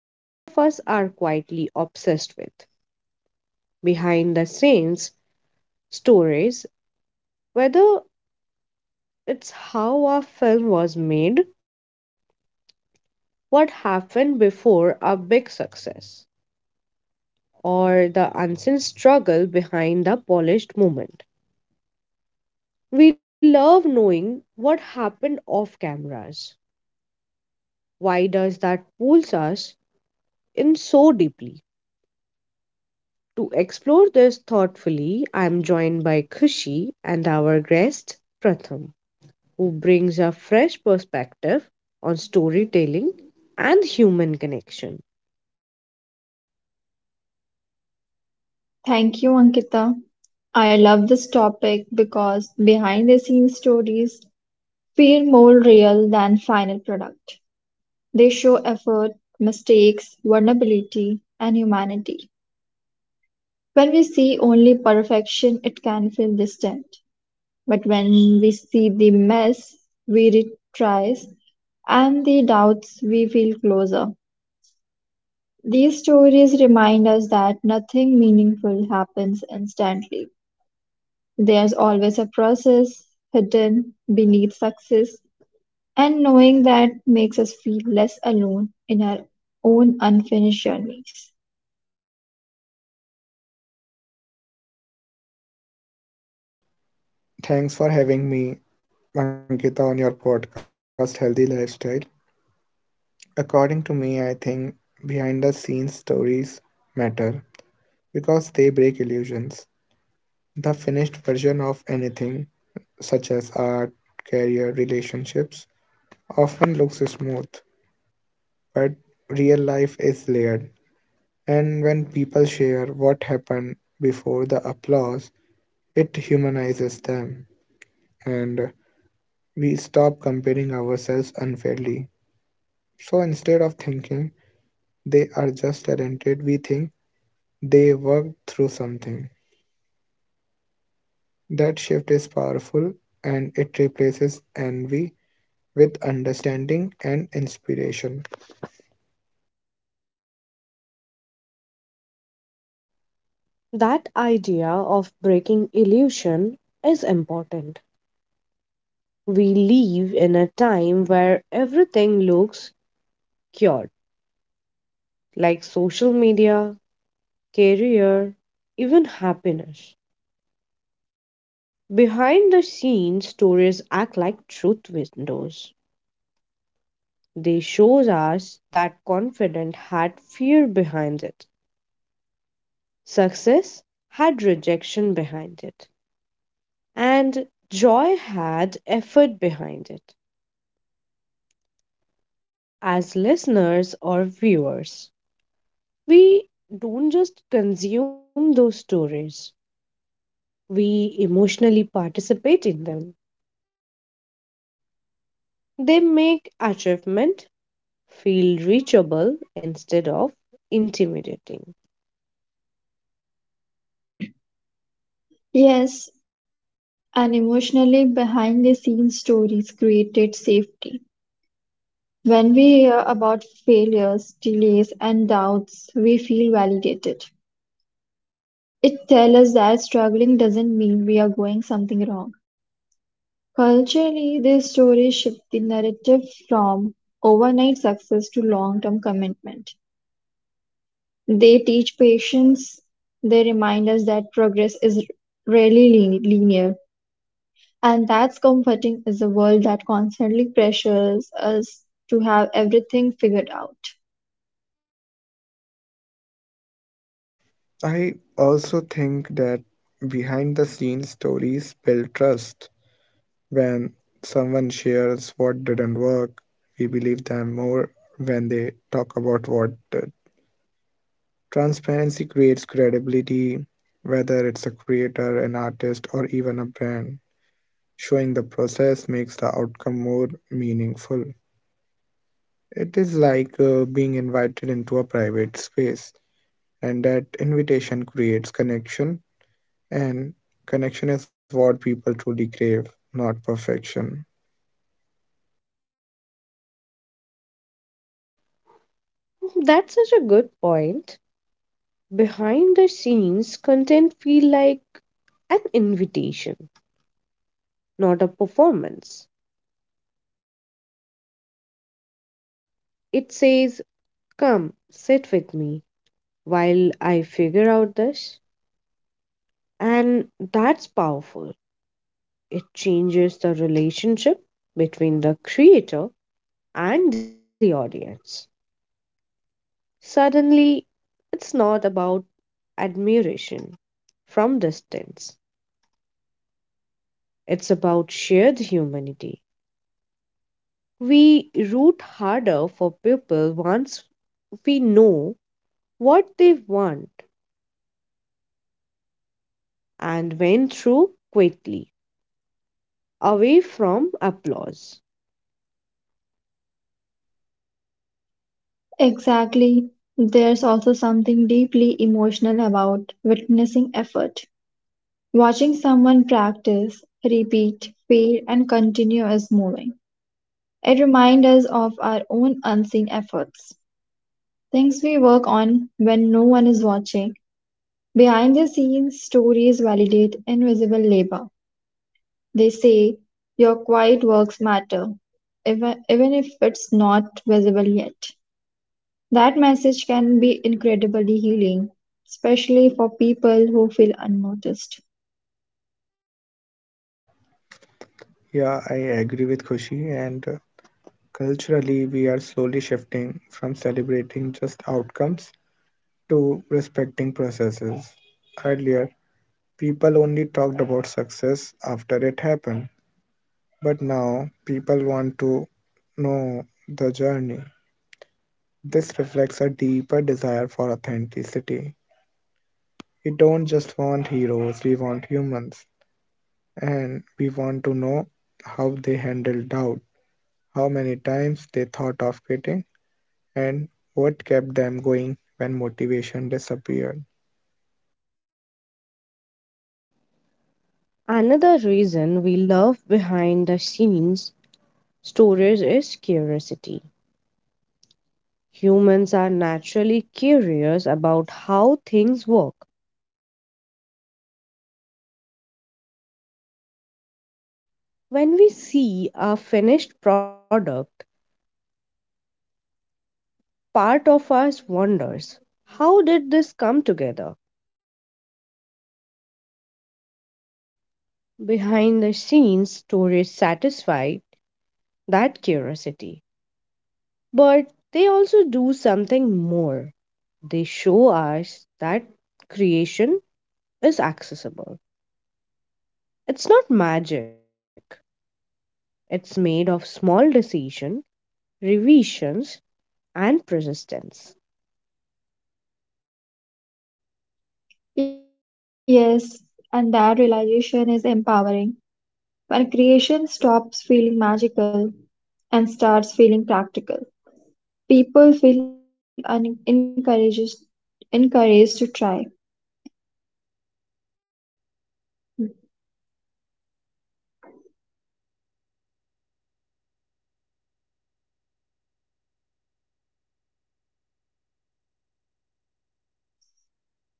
many of us are quietly obsessed with behind the scenes stories, whether it's how a film was made, what happened before a big success, or the unseen struggle behind the polished moment. We love knowing what happened off cameras. Why does that pulls us in so deeply? To explore this thoughtfully, I am joined by Kushi and our guest Pratham, who brings a fresh perspective on storytelling and human connection. Thank you, Ankita. I love this topic because behind the scenes stories feel more real than final product. They show effort, mistakes, vulnerability, and humanity. When we see only perfection, it can feel distant. But when we see the mess, we retries, and the doubts, we feel closer. These stories remind us that nothing meaningful happens instantly. There's always a process hidden beneath success, and knowing that makes us feel less alone in our own unfinished journeys. Thanks for having me, Ankita, on your podcast, Healthy Lifestyle. According to me, I think behind the scenes stories matter because they break illusions. The finished version of anything, such as art, career, relationships, often looks smooth, but real life is layered. And when people share what happened before the applause, it humanizes them, and we stop comparing ourselves unfairly. So instead of thinking they are just talented, we think they work through something. That shift is powerful and it replaces envy with understanding and inspiration. That idea of breaking illusion is important. We live in a time where everything looks cured, like social media, career, even happiness. Behind the scenes, stories act like truth windows. They shows us that confidence had fear behind it, success had rejection behind it, and joy had effort behind it. As listeners or viewers, we don't just consume those stories, we emotionally participate in them. They make achievement feel reachable instead of intimidating. Yes, and emotionally behind the scenes stories created safety. When we hear about failures, delays, and doubts, we feel validated. It tells us that struggling doesn't mean we are going something wrong. Culturally, these stories shift the narrative from overnight success to long-term commitment. They teach patience, they remind us that progress is rarely linear, and that's comforting is a world that constantly pressures us to have everything figured out. I also think that behind the scenes stories build trust. When someone shares what didn't work, we believe them more when they talk about what did. Transparency creates credibility, whether it's a creator, an artist, or even a brand. Showing the process makes the outcome more meaningful. It is like being invited into a private space, and that invitation creates connection, and connection is what people truly crave, not perfection. That's such a good point. Behind the scenes, content feel like an invitation, not a performance. It says, "Come, sit with me while I figure out this." And that's powerful. It changes the relationship between the creator and the audience. Suddenly, it's not about admiration from distance. It's about shared humanity. We root harder for people once we know what they want and went through quickly, away from applause. Exactly. There's also something deeply emotional about witnessing effort. Watching someone practice, repeat, fail, and continue is moving. It reminds us of our own unseen efforts, things we work on when no one is watching. Behind the scenes, stories validate invisible labor. They say your quiet works matter, even if it's not visible yet. That message can be incredibly healing, especially for people who feel unnoticed. Yeah, I agree with Khushi, and culturally, we are slowly shifting from celebrating just outcomes to respecting processes. Earlier, people only talked about success after it happened, but now people want to know the journey. This reflects a deeper desire for authenticity. We don't just want heroes, we want humans. And we want to know how they handled doubt, how many times they thought of quitting, and what kept them going when motivation disappeared. Another reason we love behind the scenes stories is curiosity. Humans are naturally curious about how things work. When we see a finished product, part of us wonders, how did this come together? Behind the scenes, stories satisfy that curiosity, but they also do something more. They show us that creation is accessible. It's not magic, it's made of small decision, revisions, and persistence. Yes, and that realization is empowering. When creation stops feeling magical and starts feeling practical, people feel encouraged to try.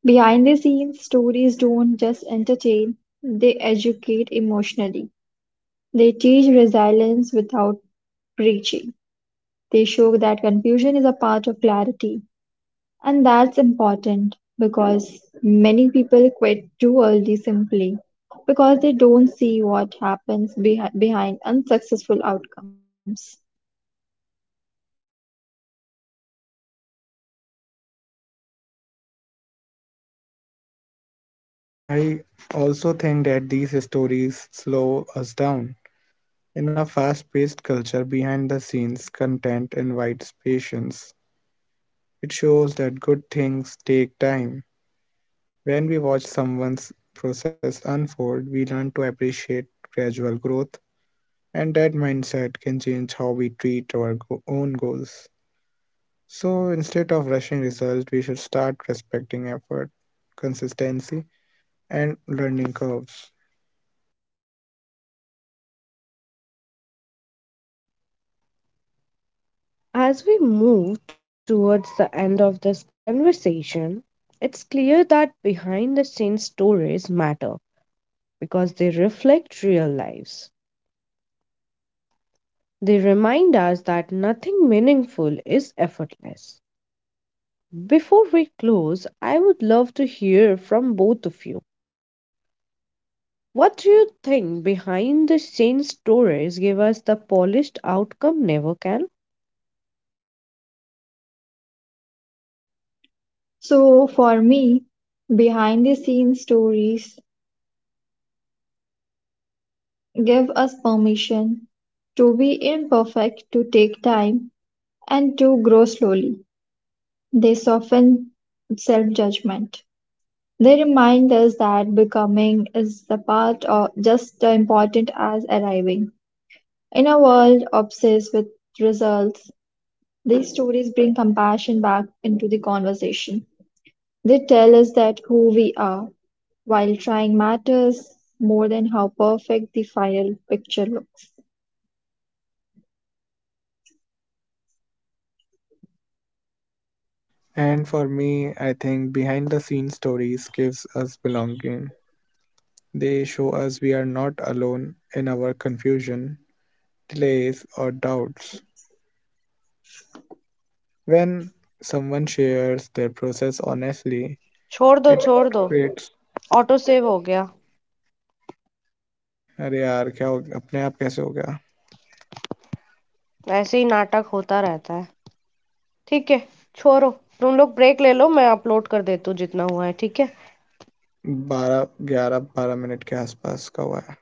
Behind the scenes, stories don't just entertain, they educate emotionally. They teach resilience without preaching. They show that confusion is a part of clarity. And that's important because many people quit too early simply because they don't see what happens behind unsuccessful outcomes. I also think that these stories slow us down. In a fast paced culture, behind the scenes content invites patience. It shows that good things take time. When we watch someone's process unfold, we learn to appreciate gradual growth, and that mindset can change how we treat our own goals. So instead of rushing results, we should start respecting effort, consistency, and learning curves. As we move towards the end of this conversation, it's clear that behind the scenes stories matter because they reflect real lives. They remind us that nothing meaningful is effortless. Before we close, I would love to hear from both of you. What do you think behind the scenes stories give us the polished outcome never can? So, for me, behind the scenes stories give us permission to be imperfect, to take time, and to grow slowly. They soften self judgment. They remind us that becoming is the part of just as important as arriving. In a world obsessed with results, these stories bring compassion back into the conversation. They tell us that who we are while trying matters more than how perfect the final picture looks. And for me, I think behind the scenes stories gives us belonging. They show us we are not alone in our confusion, delays, or doubts. When someone shares their process honestly, it creates अरे यार क्या हो गया अपने आप कैसे हो गया बारह ग्यारह बारह मिनट के आसपास का हुआ है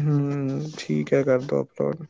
हम्म ठीक है कर दो अपलोड